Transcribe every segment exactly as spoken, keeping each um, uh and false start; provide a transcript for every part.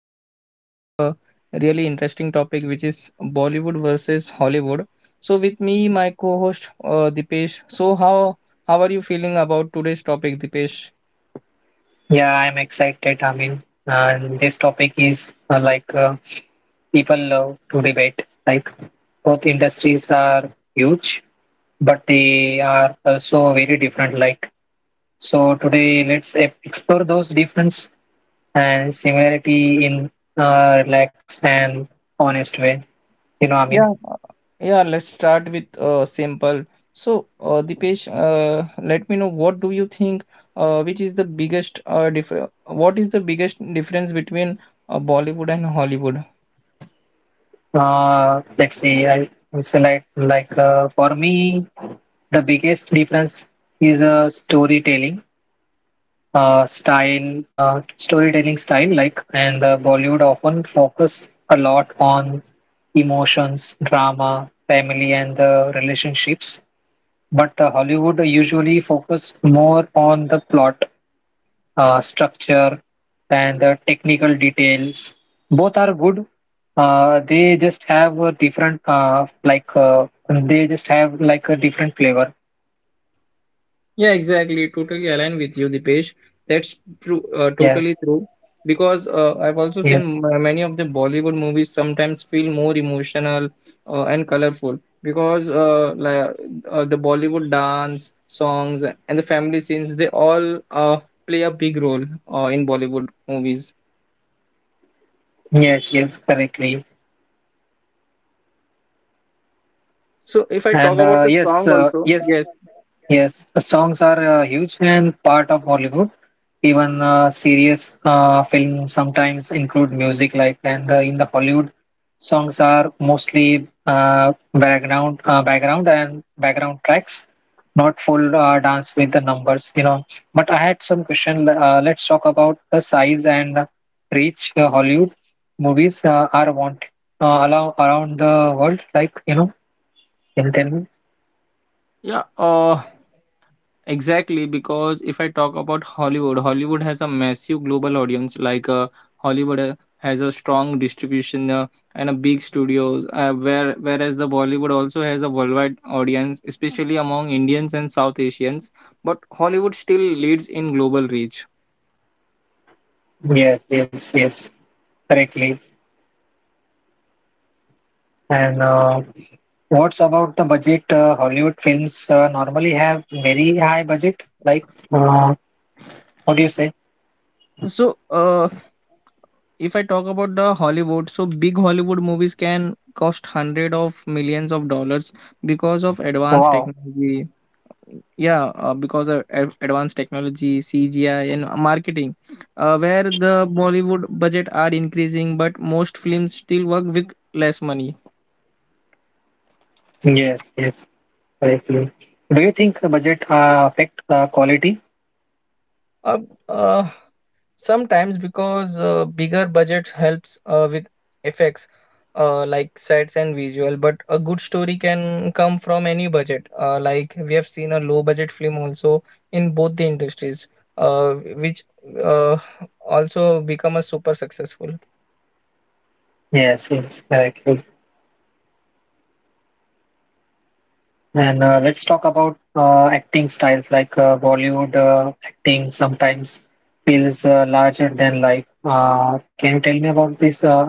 And today we have a really interesting topic, which is Bollywood versus Hollywood. So, with me, my co host, uh, Dipesh. So, how how are you feeling about today's topic, Dipesh? Yeah, I'm excited. I mean, uh, this topic is uh, like uh, people love to debate. Like, both industries are huge, but they are also very different. Like, so today let's e- explore those difference and similarity in uh, relaxed and honest way. You know, I mean, Yeah, yeah, let's start with uh, simple. So, uh, Dipesh, uh, let me know what do you think, uh, which is the biggest uh, differ? What is the biggest difference between uh, Bollywood and Hollywood? uh, let's see. I it's like like uh, for me, the biggest difference is uh, storytelling uh, style, uh, storytelling style, like, and uh, Bollywood often focus a lot on emotions, drama, family, and uh, relationships. But uh, Hollywood usually focus more on the plot, uh, structure, and the technical details. Both are good. Uh, they just have a different, uh, like, uh, they just have like a different flavor. Yeah, exactly. Totally aligned with you, Dipesh. That's true. Uh, Yes, totally true. Because uh, I've also yes, seen ma- many of the Bollywood movies sometimes feel more emotional uh, and colorful because uh, like, uh, the Bollywood dance, songs, and the family scenes, they all uh, play a big role uh, in Bollywood movies. yes, yes, correctly. So if I talk And about uh, the yes, song uh, also, yes, yes. Yes, uh, songs are uh, huge and part of Hollywood. Even uh, serious uh, films sometimes include music, like and uh, in the Hollywood, songs are mostly uh, background, uh, background and background tracks, not full uh, dance with the numbers, you know. But I had some question. Uh, let's talk about the size and reach uh, Hollywood movies uh, are want uh, allow around the world, like you know. Can you tell me? Yeah, uh, Exactly, because if I talk about Hollywood, Hollywood has a massive global audience. Like uh, Hollywood uh, has a strong distribution uh, and a big studios, uh, where whereas the Bollywood also has a worldwide audience, especially among Indians and South Asians. But Hollywood still leads in global reach. Yes, yes, yes, correctly. And uh, what's about the budget? Uh, Hollywood films uh, normally have very high budget. Like, uh, what do you say? So, uh, if I talk about the Hollywood, so big Hollywood movies can cost hundred of millions of dollars because of advanced Wow. technology. Yeah, uh, because of ad- advanced technology, CGI, and marketing, uh, where the Bollywood budget are increasing, but most films still work with less money. Yes, yes, correctly. Do you think the budget uh, affect uh, quality? uh, uh, sometimes, because uh, bigger budgets helps uh, with effects, uh, like sets and visual, but a good story can come from any budget. uh, like we have seen a low budget film also in both the industries, uh, which uh, also become a super successful. Yes, yes, correctly. And uh, let's talk about uh, acting styles. Like uh, Bollywood uh, acting sometimes feels uh, larger than life. Uh, can you tell me about this? Uh, I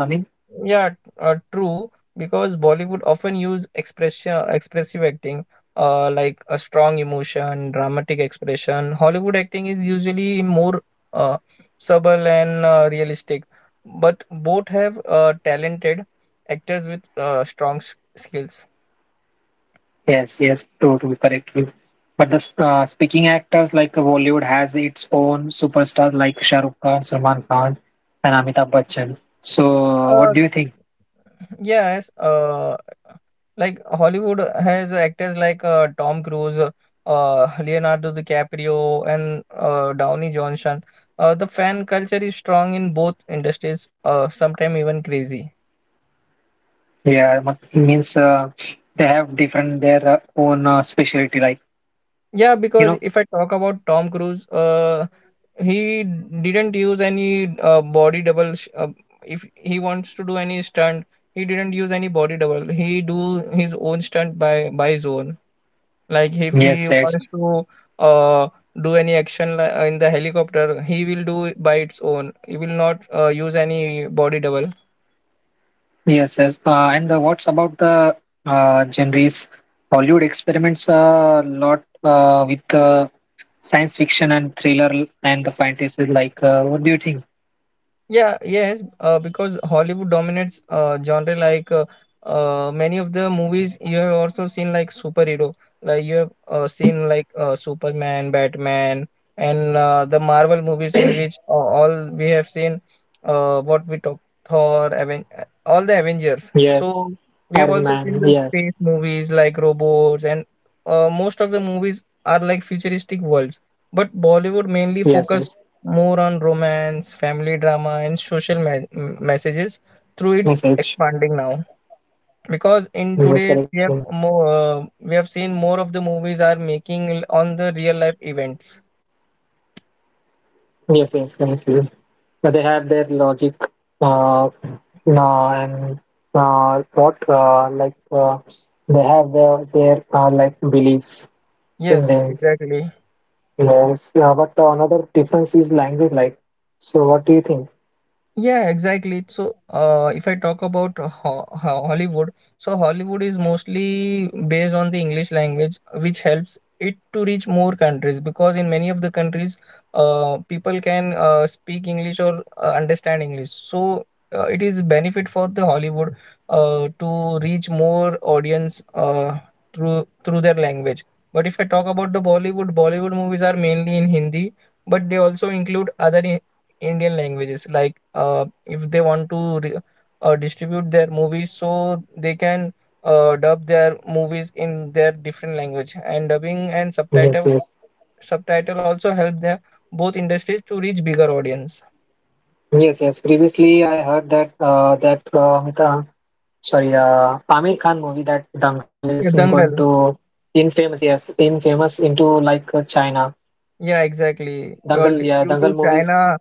Yeah, uh, true. Because Bollywood often use expression, expressive acting, uh, like a strong emotion, dramatic expression. Hollywood acting is usually more uh, subtle and uh, realistic, but both have uh, talented actors with uh, strong s- skills. Yes, yes, totally correct you. But the sp- uh, speaking actors like Bollywood has its own superstar like Shah Rukh Khan, Salman Khan, and Amitabh Bachchan. So, what Uh, do you think? yes, uh, Like Hollywood has actors like uh, Tom Cruise, uh, Leonardo DiCaprio, and uh, Downey Johnson. Uh, the fan culture is strong in both industries, uh, sometimes even crazy. Yeah, ma- means uh, they have different their uh, own uh, specialty, like Yeah, you because know. if I talk about Tom Cruise, uh, he didn't use any uh, body double. Sh- uh, if he wants to do any stunt, he didn't use any body double. He do his own stunt by by his own. Like if Yes, he yes, wants to uh, do any action li- in the helicopter, he will do it by its own. He will not uh, use any body double. yes, yes. Uh, and uh, what's about the uh, genres? Hollywood experiments a lot uh, with uh, science fiction and thriller and the fantasy. Like, uh, what do you think? Yeah, yes, uh, because Hollywood dominates uh, genre like uh, uh, many of the movies you have also seen, like superhero, like you have uh, seen like uh, Superman, Batman, and uh, the Marvel movies, in which uh, all we have seen uh, what we talk Thor, Aven uh, all the Avengers. Yes, So we have Iron also seen Man. the Yes, space movies, like robots, and uh, most of the movies are like futuristic worlds. But Bollywood mainly yes, focus yes. more on romance, family drama, and social me- m- messages, through its Message expanding now. Because in it was today's correct. we have Yeah. more, uh, we have seen more of the movies are making l- on the real life events. Yes, yes, correct. Yeah. But they have their logic. Uh, no, and uh, what uh, like uh, they have their their uh, like beliefs in Yes, them. exactly. Yes, yeah, but uh, another difference is language. Like, so what do you think? Yeah, exactly. So, uh, if I talk about uh, Ho- Ho- Hollywood, so Hollywood is mostly based on the English language, which helps it to reach more countries, because in many of the countries, uh, people can uh, speak English or uh, understand English. So, uh, it is benefit for the Hollywood uh, to reach more audience uh, through through their language. But if I talk about the Bollywood, Bollywood movies are mainly in Hindi, but they also include other Indian languages. Like, uh, if they want to re- uh, distribute their movies, so they can uh, dub their movies in their different language. And dubbing and Yes, subtitle yes. subtitle also help their both industries to reach bigger audience. Yes, yes. Previously, I heard that uh, that uh, Amita, sorry, uh, Amir Khan movie that Dangal is Yeah, in going Dangal. to infamous, yes, infamous into like uh, China. Yeah, exactly. Uh, Dangal, d- yeah, due Dangal to movies, China.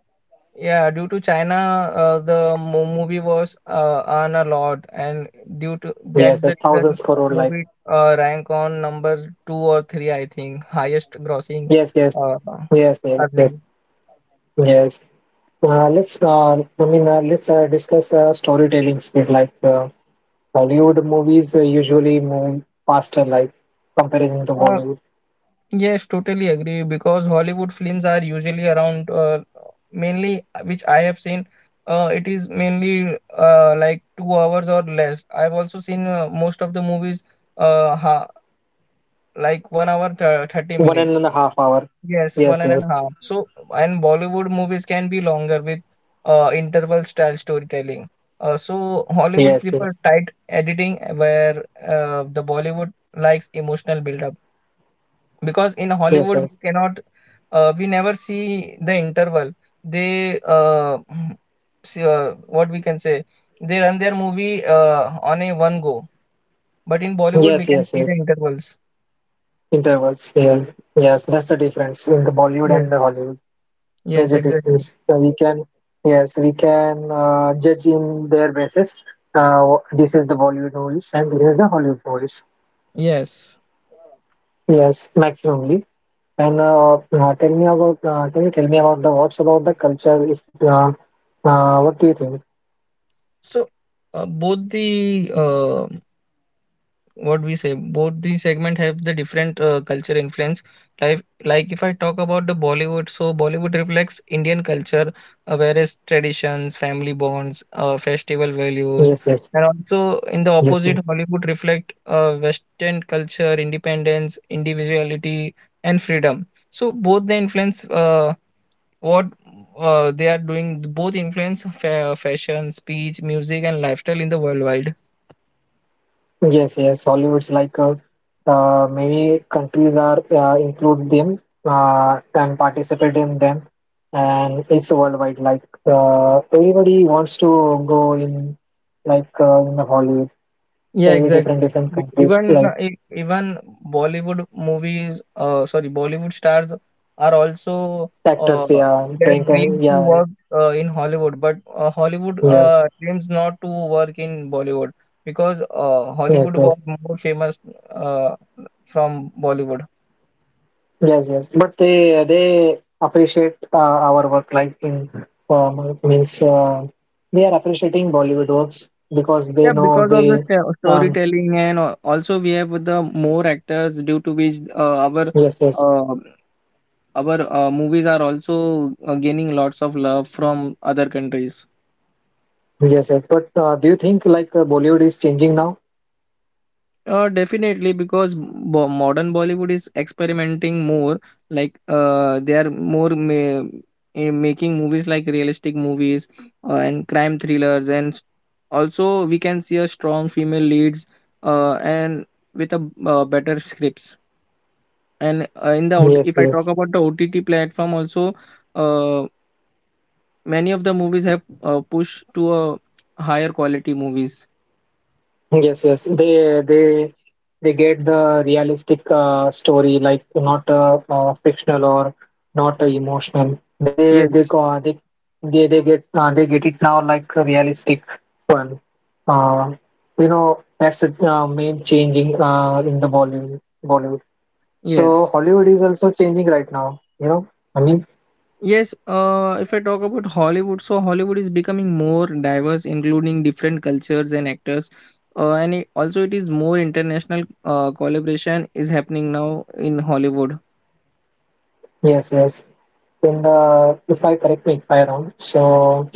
Yeah, due to China, uh, the mo movie was uh, earn a lot, and due to yes, that's there's the reason thousands crore, like movie uh, rank on number two or three, I think, highest grossing yes, yes, uh, yes, yes, yes, earning. yes. Uh, let's, uh, I mean, uh, let's uh, discuss uh, storytelling speed. Like uh, Hollywood movies uh, usually move faster, like comparison to Uh, Bollywood, yes, totally agree, because Hollywood films are usually around uh, mainly uh, which I have seen. Uh, it is mainly uh, like two hours or less. I've also seen uh, most of the movies uh, ha like one hour th thirty one minutes. and a half hour. Yes, one Yes, and a yes, half. So, and Bollywood movies can be longer with uh, interval style storytelling. Uh, so, yes, Hollywood yes. prefers tight editing, where uh, the Bollywood likes emotional build-up. Because in Yes, Hollywood, yes, we cannot, uh, we never see the interval. They, uh, mm, see, uh, what we can say, they run their movie uh, on a one go. But in Bollywood, we yes, can yes, see the yes. intervals. Intervals. Yeah, yes. That's the difference in the Bollywood Yes, and the Hollywood. yes, Major exactly. difference. So we can, yes, we can uh, judge in their basis. Uh, this is the Bollywood movies and this is the Hollywood movies. Yes. Yes, maximumly. And uh, uh, tell me about. Uh, can you tell me about the what's about the culture? If uh, uh, what do you think? So, uh, both the uh, what we say, both the segment have the different uh, culture influence. Like, like if I talk about the Bollywood, so Bollywood reflects Indian culture, uh, various traditions, family bonds, uh, festival values, Yes, yes, and also in the yes, opposite, yes. Hollywood reflect uh, Western culture, independence, individuality, and freedom. So both the influence. Uh, what uh, they are doing both influence fa- fashion, speech, music, and lifestyle in the worldwide. Yes, yes, Hollywood's like uh, uh, many countries are uh, include them uh, and participate in them, and it's worldwide. Like uh, everybody wants to go in, like uh, in the Hollywood, Yeah, every exactly. different different B- countries, even uh, like e- even Bollywood movies, uh, sorry, Bollywood stars are also uh, actors. Yeah, their thank uh, dreams to yeah, work uh, in Hollywood, but uh, Hollywood yes, uh, dreams not to work in Bollywood, because uh, yes, Hollywood yes. was more famous uh, from Bollywood. Yes, yes, but they they appreciate uh, our work. Like in um, means uh, they are appreciating Bollywood works because they Yeah, know because of the they. sto- Um, storytelling, and al- also we have the more actors, due to which uh, our yes, yes, uh, our uh, movies are also uh, gaining lots of love from other countries. yes, yes. But uh, do you think like uh, Bollywood is changing now? Uh, definitely, because bo- modern Bollywood is experimenting more, like uh, they are more ma- eh, making movies like realistic movies, uh, and crime thrillers and s- also we can see a strong female leads, uh, and with a uh, better scripts. And uh, in the O T, Yes, if I talk yes. about the O T T platform also, uh, many of the movies have uh, pushed to a higher quality movies. Yes, yes. They they they get the realistic uh, story, like not uh, uh, fictional or not uh, emotional. They they Yes, go uh, they they they get uh, they get it now like a realistic one. Uh, you know that's the uh, main changing uh, in the Bollywood Bollywood. So yes, Hollywood is also changing right now. You know, I mean. yes. Uh, if I talk about Hollywood, so Hollywood is becoming more diverse, including different cultures and actors. Uh, and it, also, it is more international uh, collaboration is happening now in Hollywood. Yes, yes. Then uh, if I correct me if I wrong, so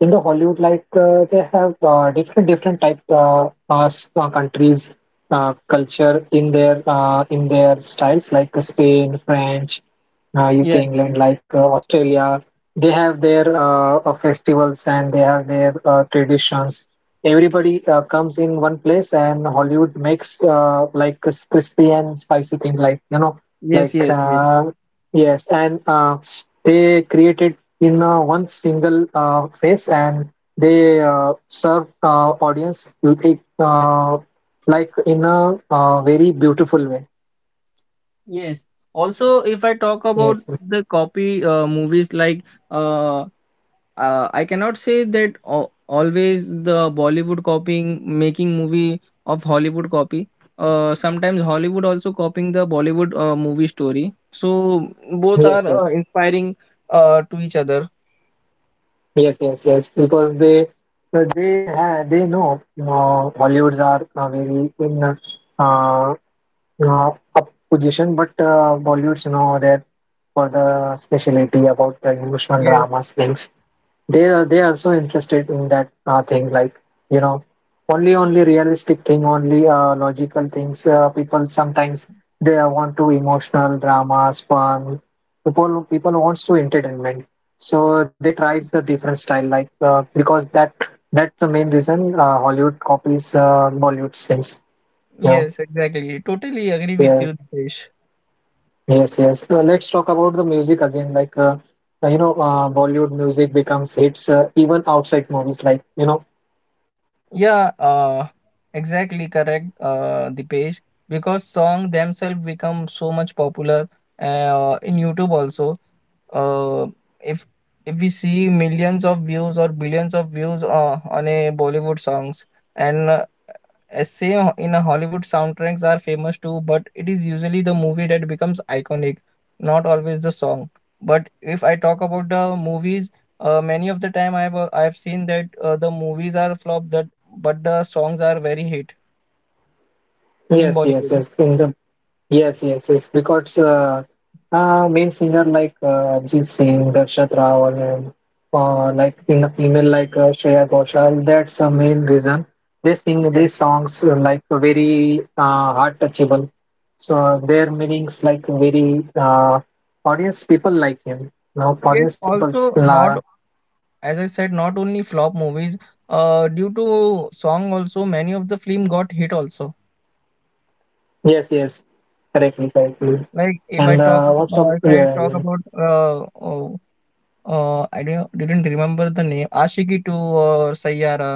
in the Hollywood, like uh, they have uh, different different type uh, uh, s- uh, countries uh, culture in their uh, in their styles, like uh, Spain, French, uh, U K, Yes, yes, England, like uh, Australia. They have their uh, uh, festivals and they have their uh, traditions. Everybody uh, comes in one place, and Hollywood makes uh, like cris- crispy and spicy thing, like you know, yes, like yes, yes, uh, yes, and uh, they created in uh, one single uh, face, and they uh, serve uh, audience like uh, like in a uh, very beautiful way. yes. Also, if I talk about Yes, the copy uh, movies like. uh uh, I cannot say that al- always the Bollywood copying making movie of Hollywood copy. Uh, sometimes Hollywood also copying the Bollywood uh, movie story. So both yes, are uh, yes, inspiring uh, to each other. yes, yes, yes. Because they uh, they ha they know uh, Hollywoods are uh, very in uh, uh, up position, but uh, Bollywoods you know they're for the specialty about the emotional Yes, dramas things. They are they are so interested in that uh, thing like you know only only realistic thing only uh, logical things uh, people sometimes they are want to emotional dramas fun people people wants to entertainment so they tries the different style like uh, because that that's the main reason uh, Hollywood copies uh, Bollywood things you know yes, exactly. Totally agree with you, yes Dipesh. yes yes uh, let's talk about the music again like uh, uh, you know uh, Bollywood music becomes hits uh, even outside movies like you know. Yeah, uh, exactly correct, uh, Dipesh. Because song themselves become so much popular uh, in YouTube also. Uh, if if we see millions of views or billions of views uh, on a Bollywood songs, and uh, as in a Hollywood soundtracks are famous too, but it is usually the movie that becomes iconic, not always the song. But if I talk about the movies, uh, many of the time I've uh, I've seen that uh, the movies are flop that but the songs are very hit in Yes, yes, Bollywood. yes. In the yes, yes, yes. Because uh, uh, main singer like uh, Ajit Singh, Darshat Rao, and uh, like in the female like uh, Shreya Ghoshal. That's the main reason they sing Yes. these songs uh, like very uh, heart touchable. So their meanings like very uh, audience people like him. Now Yes. audience people Also, uh, not as I said, not only flop movies. Uh, due to song also, many of the film got hit also. yes, yes, correctly, correctly. Like if I And talk uh, about, uh, also if I yeah. Talk yeah. about uh, uh, Uh, I don't didn't remember the name. Aashiqui two or Saiyaara.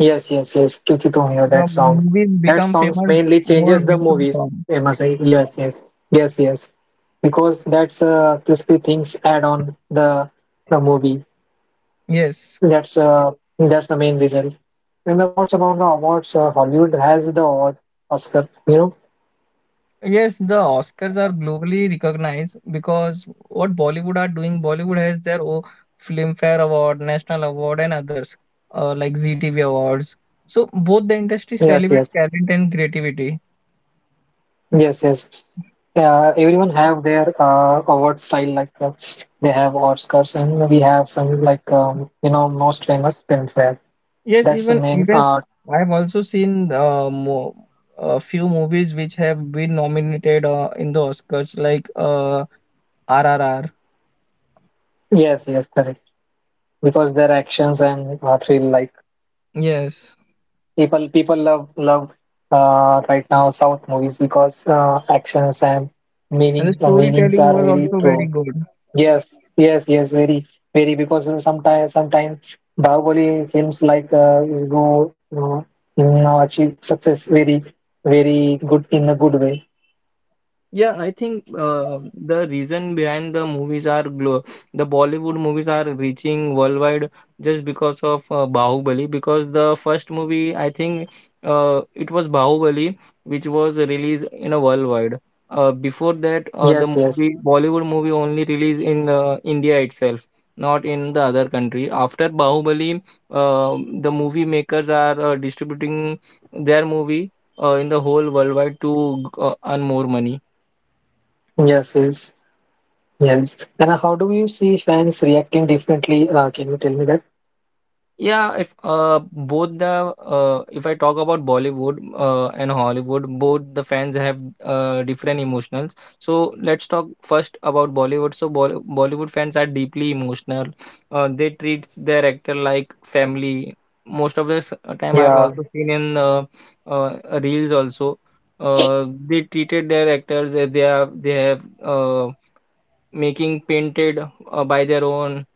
Yes, yes, yes. Kyuki Tum Hi Ho, The that song. movie That become songs famous mainly more changes due the to movies. song. Famously. Yes, yes, yes, yes. Because that's uh, crispy things add on the the movie. Yes. That's uh, that's the main result. And then what's about the awards? Uh, Hollywood has the award Oscar. You know. Yes, the Oscars are globally recognized, because what Bollywood are doing, Bollywood has their own Filmfare Award, National Award, and others, uh, like Z T V Awards. So both the industry Yes, celebrate yes, talent and creativity. yes, yes. Yeah, everyone have their uh, award style. Like uh, they have Oscars, and we have some like um, you know most famous film fair. Yes, That's the even main even uh, I have also seen uh, mo a few movies which have been nominated uh, in the Oscars, like uh, R. R R. Yes, yes, correct. Because their actions and uh, thrill, like Yes, people, people love love uh, right now South movies because uh, actions and meaning and the uh, meanings storytelling are was very also true. very good. Yes, yes, yes, very, very. Because sometimes, sometimes Bahubali films like uh, is go uh, in, uh, achieve success very, very good in a good way. Yeah, I think uh, the reason behind the movies are glo the Bollywood movies are reaching worldwide, just because of uh, Bahubali. Because the first movie, I think, uh, it was Bahubali, which was released in a worldwide. Uh, before that, uh, the Yes, yes, movie Bollywood movie only released in uh, India itself, not in the other country. After Bahubali, uh, the movie makers are uh, distributing their movie uh, in the whole worldwide to uh, earn more money. yes, yes, yes. And how do you see fans reacting differently? Uh, can you tell me that? Yeah, if uh both the uh if I talk about Bollywood uh and Hollywood, both the fans have uh different emotionals. So let's talk first about Bollywood. So Bol Bollywood fans are deeply emotional. Uh, they treat their actor like family. Most of the s- uh, time, I've Yeah. also seen in uh, uh reels also. Uh, they treated their actors as they have they have uh making painted uh, by their own,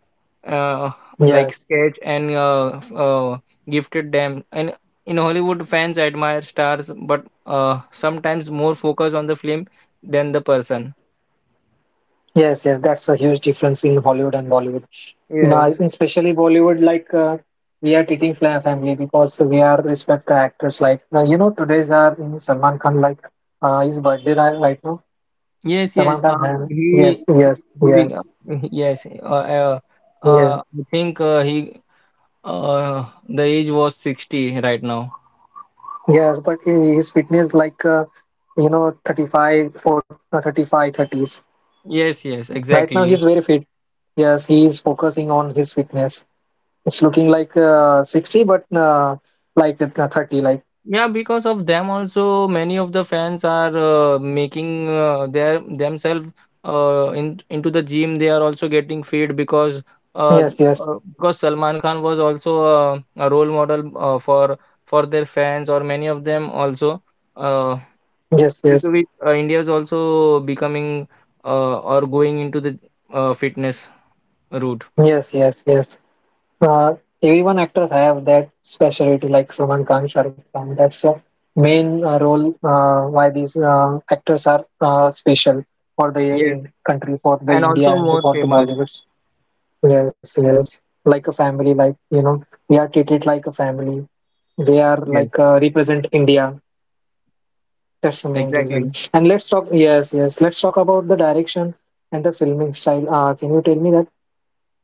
uh, like Yes, sketch and uh, f- uh, gifted them. And in Hollywood, fans admire stars, but uh, sometimes more focus on the film than the person. yes, yes. That's a huge difference in Hollywood and Bollywood. Yes. Now, especially Bollywood, like uh, we are treating fla- family because we are respect the actors. Like now, you know, today's are in Salman Khan. Like uh, his birthday ri- right now. Yes, yes. Salman Khan. Uh, Had, he, yes, yes, he, be- yes, yes. Uh, uh, yes, uh, I think uh, he, uh, the age was sixty right now. yes. But he- his fitness, like uh, you know, thirty-five, forty, uh, thirty-five, thirties. Yes, yes, Right now, he's exactly. very fit. Yes, he is focusing on his fitness. It's looking like uh, sixty, but uh, like it, uh, thirty. Like Yeah, because of them also, many of the fans are uh, making uh, their themselves uh, in, into the gym. They are also getting fit because uh, yes, yes, uh, because Salman Khan was also uh, a role model uh, for for their fans, or many of them also. Uh, yes, due yes, to which uh, India is also becoming uh, or going into the uh, fitness route. yes, yes, yes. Uh, everyone actors have that specialty, like Salman Khan, Shah Rukh Khan. That's the main uh, role uh, why these uh, actors are uh, special for the Yes, in country, for the and India, also and more for the famous. Bollywoods. Yes, yes. Like a family, like you know, we are treated like a family. They are Yes, like uh, represent India. That's the main reason. exactly. And let's talk. Yes, yes. Let's talk about the direction and the filming style. Uh, can you tell me that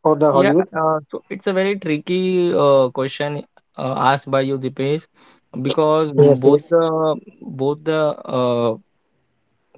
for the Yeah, Hollywood? uh, so it's a very tricky uh, question uh, asked by you, Dipesh, because Yes, both yes, the both the uh,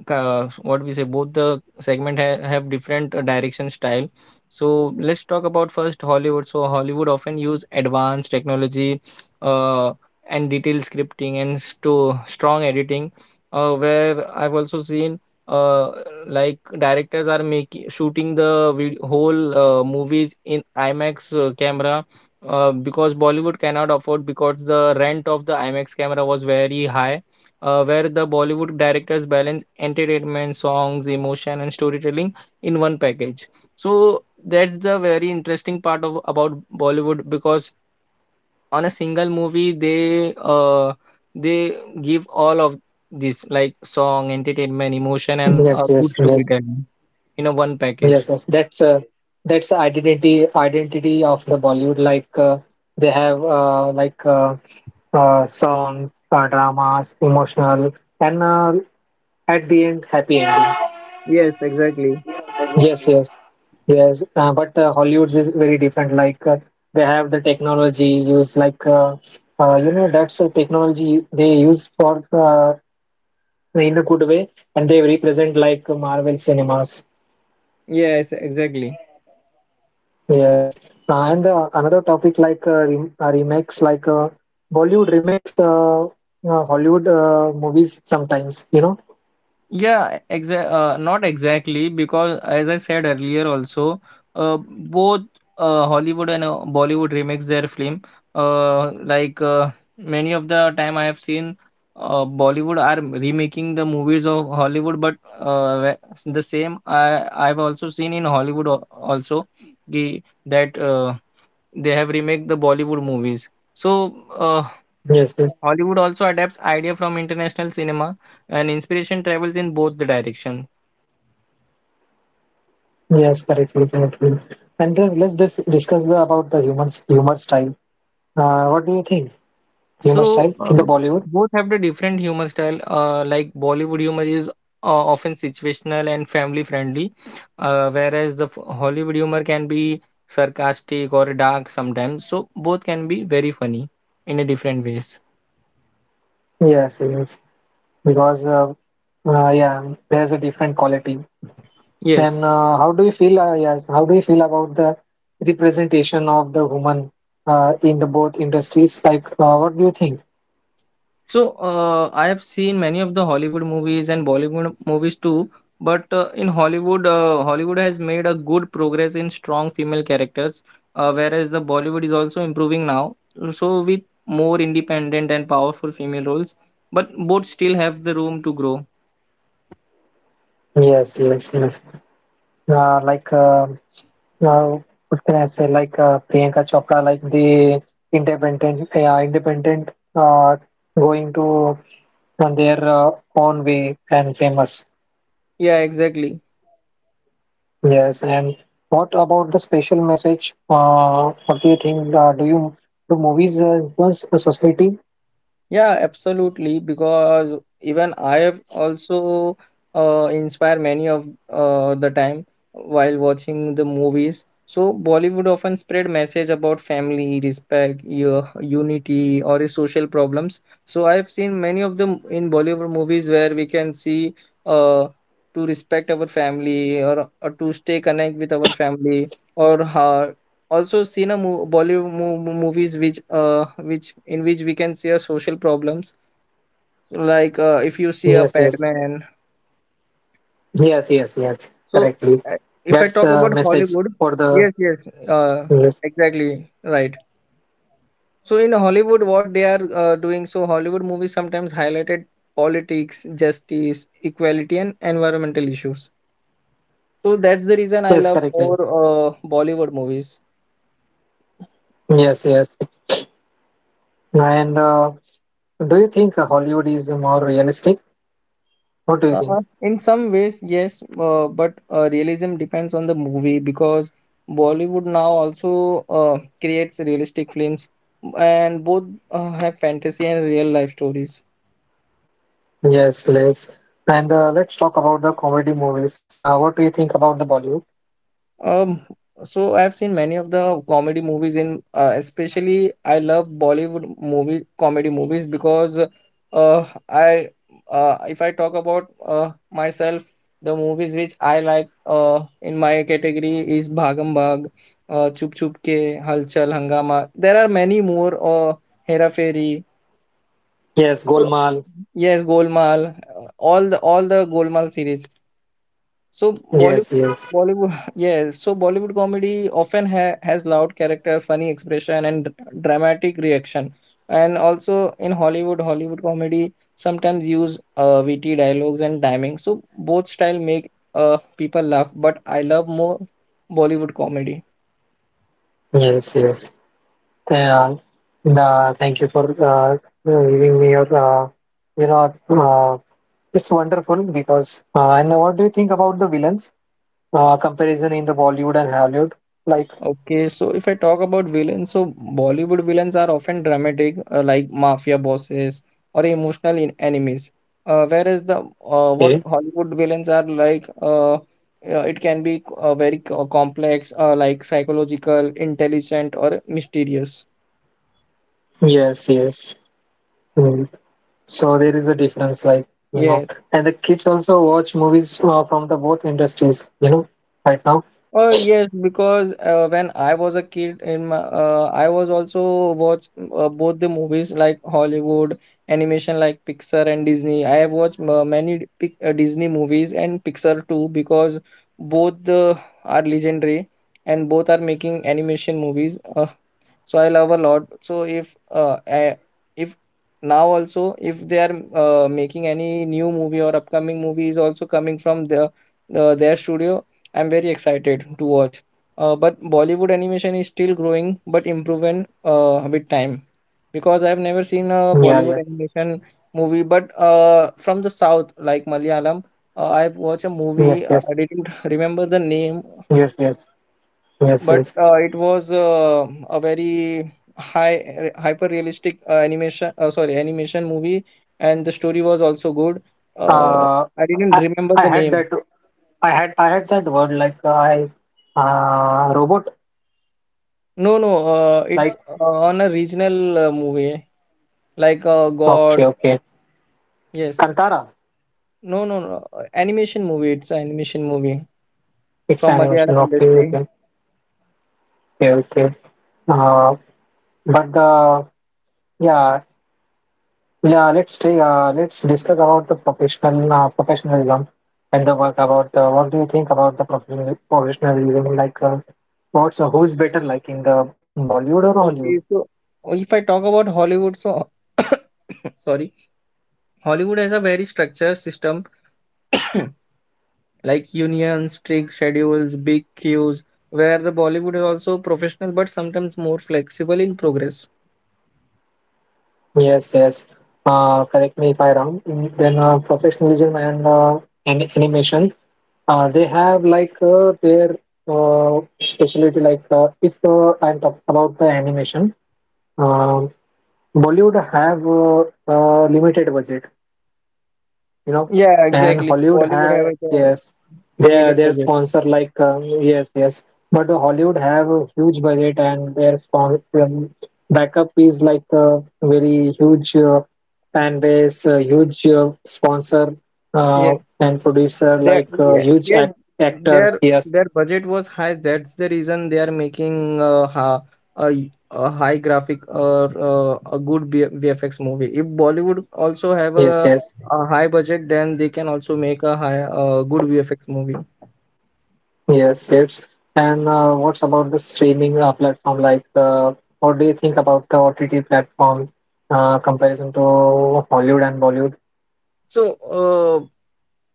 uh, what we say, both the segment ha- have different uh, direction style. So let's talk about first Hollywood. So Hollywood often use advanced technology uh, and detailed scripting and sto- strong editing, uh, where I've also seen, uh, like directors are making shooting the vid- whole uh, movies in IMAX uh, camera, uh, because Bollywood cannot afford, because the rent of the IMAX camera was very high, uh, where the Bollywood directors balance entertainment, songs, emotion, and storytelling in one package. So that's the very interesting part of about Bollywood, because on a single movie they uh, they give all of this, like song, entertainment, emotion, and yes, uh, yes, good yes, storytelling in a one yes, package. yes. That's uh, that's the identity identity of the Bollywood. Like uh, they have uh, like uh, uh, songs, uh, dramas, emotional, and uh, at the end, happy ending. Yes, exactly. Yes, yes, yes. Uh, but uh, Hollywood's is very different. Like uh, they have the technology used, like uh, uh, you know, that's a technology they use for uh, in a good way, and they represent like Marvel cinemas. Yes, exactly. Yes, uh, and uh, another topic like uh, rem uh, remakes, like uh, Bollywood remakes uh, uh, Hollywood uh, movies sometimes. You know. Yeah, exa- uh, not exactly, because as I said earlier also, uh, both uh, Hollywood and uh, Bollywood remakes their film. Uh, like uh, many of the time I have seen uh, Bollywood are remaking the movies of Hollywood, but uh, wh- the same I I've also seen in Hollywood al- also, the, that uh, they have remake the Bollywood movies. So uh, Yes, yes, Hollywood also adapts idea from international cinema, and inspiration travels in both the directions. yes. Correctly, correctly. And then let's just discuss the about the humans humor style. Uh, what do you think? Humor So style uh, in the Bollywood. both have the different humor style. Uh, like Bollywood humor is uh, often situational and family friendly, uh, whereas the f- Hollywood humor can be sarcastic or dark sometimes. So both can be very funny in a different ways. Yes, yes. Because uh, uh, yeah, there's a different quality. And Yes. uh, how do you feel? Uh, yes, how do you feel about the representation of the woman uh, in the both industries? Like, uh, what do you think? So, uh, I have seen many of the Hollywood movies and Bollywood movies too, but uh, in Hollywood, uh, Hollywood has made a good progress in strong female characters, uh, whereas the Bollywood is also improving now. So, with more independent and powerful female roles, but both still have the room to grow. Yes, yes, yes. Uh, like, uh, uh, what can I say? Like uh, Priyanka Chopra, like the independent, uh, independent, uh, going to on their uh, own way and famous. Yeah, exactly. Yes, and what about the special message? Uh, what do you think? Uh, do you do movies uh, influence the society? Yeah, absolutely. Because even I have also uh, inspired many of uh, the time while watching the movies. So Bollywood often spread message about family, respect, u- unity, or a social problems. So I've seen many of them in Bollywood movies where we can see uh, to respect our family, or, or to stay connect with our family, or how also seen a mo- Bollywood mo- mo- movies which uh which in which we can see a social problems, like uh, if you see a Yes, yes, Padman. yes, yes, yes. So Correctly. uh, if I That's talk a about message Hollywood, for the yes, yes, uh, yes, exactly right. So in Hollywood, what they are uh, doing? So Hollywood movies sometimes highlighted politics, justice, equality, and environmental issues. So that's the reason I yes, love correctly. more uh, Bollywood movies. Yes, yes. And uh, do you think uh, Hollywood is more realistic? What do you think? Uh, in some ways, yes, uh, but uh, realism depends on the movie, because Bollywood now also uh, creates realistic films, and both uh, have fantasy and real life stories. Yes, let's. And uh, let's talk about the comedy movies. Uh, what do you think about the Bollywood? Um, so I've seen many of the comedy movies in uh, especially I love Bollywood movie comedy movies, because uh, I uh, if I talk about uh, myself, the movies which I like uh, in my category is Bhagam Bhag, uh, Chup Chup Ke, Halchal, Hangama. There are many more, uh, Hera Fairy. Yes, So Golmaal. yes, Golmaal, uh, all the all the Golmaal series. So Yes, Bollywood, yes, Bollywood, yeah. So Bollywood comedy often ha- has loud character, funny expression, and dr- dramatic reaction. And also in Hollywood, Hollywood comedy sometimes use uh, witty dialogues and timing. So both style make uh people laugh, but I love more Bollywood comedy. yes, yes. Uh, uh, thank you for uh, giving me your, uh, you know, uh, it's wonderful because. Uh, and what do you think about the villains uh, comparison in the Bollywood and Hollywood? Like, Okay, so if I talk about villains, so Bollywood villains are often dramatic, uh, like mafia bosses or emotional in enemies. Uh, whereas the uh, what okay, Hollywood villains are like, uh, uh, it can be uh, very co- complex, uh, like psychological, intelligent, or mysterious. yes, yes. Mm. So there is a difference, like you know, Yeah. and the kids also watch movies uh, from the both industries, you know, right now. Uh, yes, because uh, when I was a kid in my, uh, I was also watch uh, both the movies, like Hollywood animation, like Pixar and Disney. I have watched uh, many pic uh, Disney movies and Pixar too, because both uh, are legendary, and both are making animation movies. Uh, so I love a lot. So if uh, I, if now also, if they are uh, making any new movie or upcoming movie is also coming from the, the their studio, I'm very excited to watch. uh, but Bollywood animation is still growing, but improving uh, with time, because I've never seen a Yeah, Bollywood yes, animation movie, but uh, from the south, like Malayalam, uh, I've watched a yes, movie, uh, yes, I didn't remember the name. yes, yes, yes, But yes. uh, it was uh, a very high hyper realistic uh, animation uh, sorry animation movie, and the story was also good. uh, Uh, I didn't I remember I the had name. that I had I had that word like uh, I uh, robot No no, uh, it's like uh, on a regional uh, movie, like uh, god. okay okay Yes. Kantara No no no, uh, animation movie. It's an animation movie it's from animation Malayalam okay industry. okay okay okay uh, but uh, yeah yeah let's take, uh, let's discuss about the professional uh, professionalism and the work about the what do you think about the professional professionalism like uh, what's uh, who's better like in the Bollywood or Hollywood. Okay, so if I talk about Hollywood, so sorry, Hollywood has a very structured system. like unions, strict schedules, big queues, where the Bollywood is also professional, but sometimes more flexible in progress. Yes, yes. Uh, correct me if I wrong. Mm, then uh, professionalism and uh, and animation, uh, they have like uh, their uh, specialty. Like uh, if uh, I'm talking about the animation, um, Bollywood have uh, uh, limited budget you know, Yeah, and exactly. Hollywood Bollywood has have like a uh, yes their limited their budget. sponsor like um, yes yes but the Hollywood have a huge budget and their spon- um, backup is like a very huge uh, fan base uh, huge uh, sponsor Yeah, uh, and producer their like uh, yeah, huge yes, act- actors their yes their budget was high. That's the reason they are making uh, ha, a y- a high graphic, or uh, a good B- V F X movie. If Bollywood also have yes a, yes. a high budget, then they can also make a high a good V F X movie. Yes, yes. And uh, what's about the streaming uh, platform? Like, uh, what do you think about the O T T platform uh, comparison to Hollywood and Bollywood? So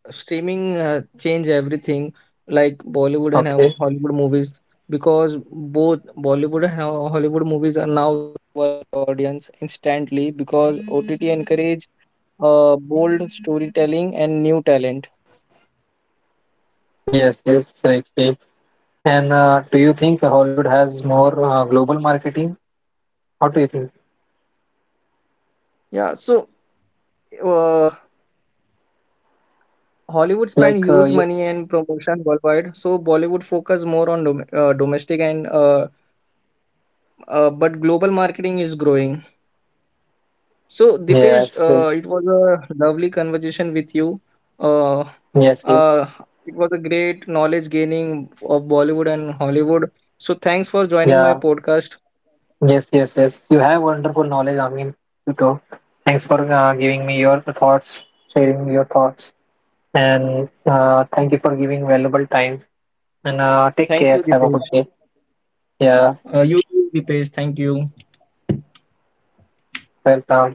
uh, streaming uh, change everything, like Bollywood and Ho- Okay. Hollywood movies, because both Bollywood. Yes, yes, correctly. And uh, do you think Hollywood has more uh, global marketing? How do you think? Yeah, so uh, Hollywood spent Like, uh, huge ye- money in promotion worldwide. So Bollywood focus more on dom uh, domestic, and uh, uh, but global marketing is growing. So Dipesh, yes, yes, uh, it was a lovely conversation with you. Uh, yes, yes. uh, it was a great knowledge gaining of Bollywood and Hollywood. So thanks for joining my Yeah, podcast. yes, yes, yes. You have wonderful knowledge, I mean, you too. Thanks for uh, giving me your thoughts, sharing your thoughts. And uh, thank you for giving valuable time. And uh, take Thank care. you, Have a good Dipesh. day. Yeah, Uh, you too, Dipesh. Thank you. welcome.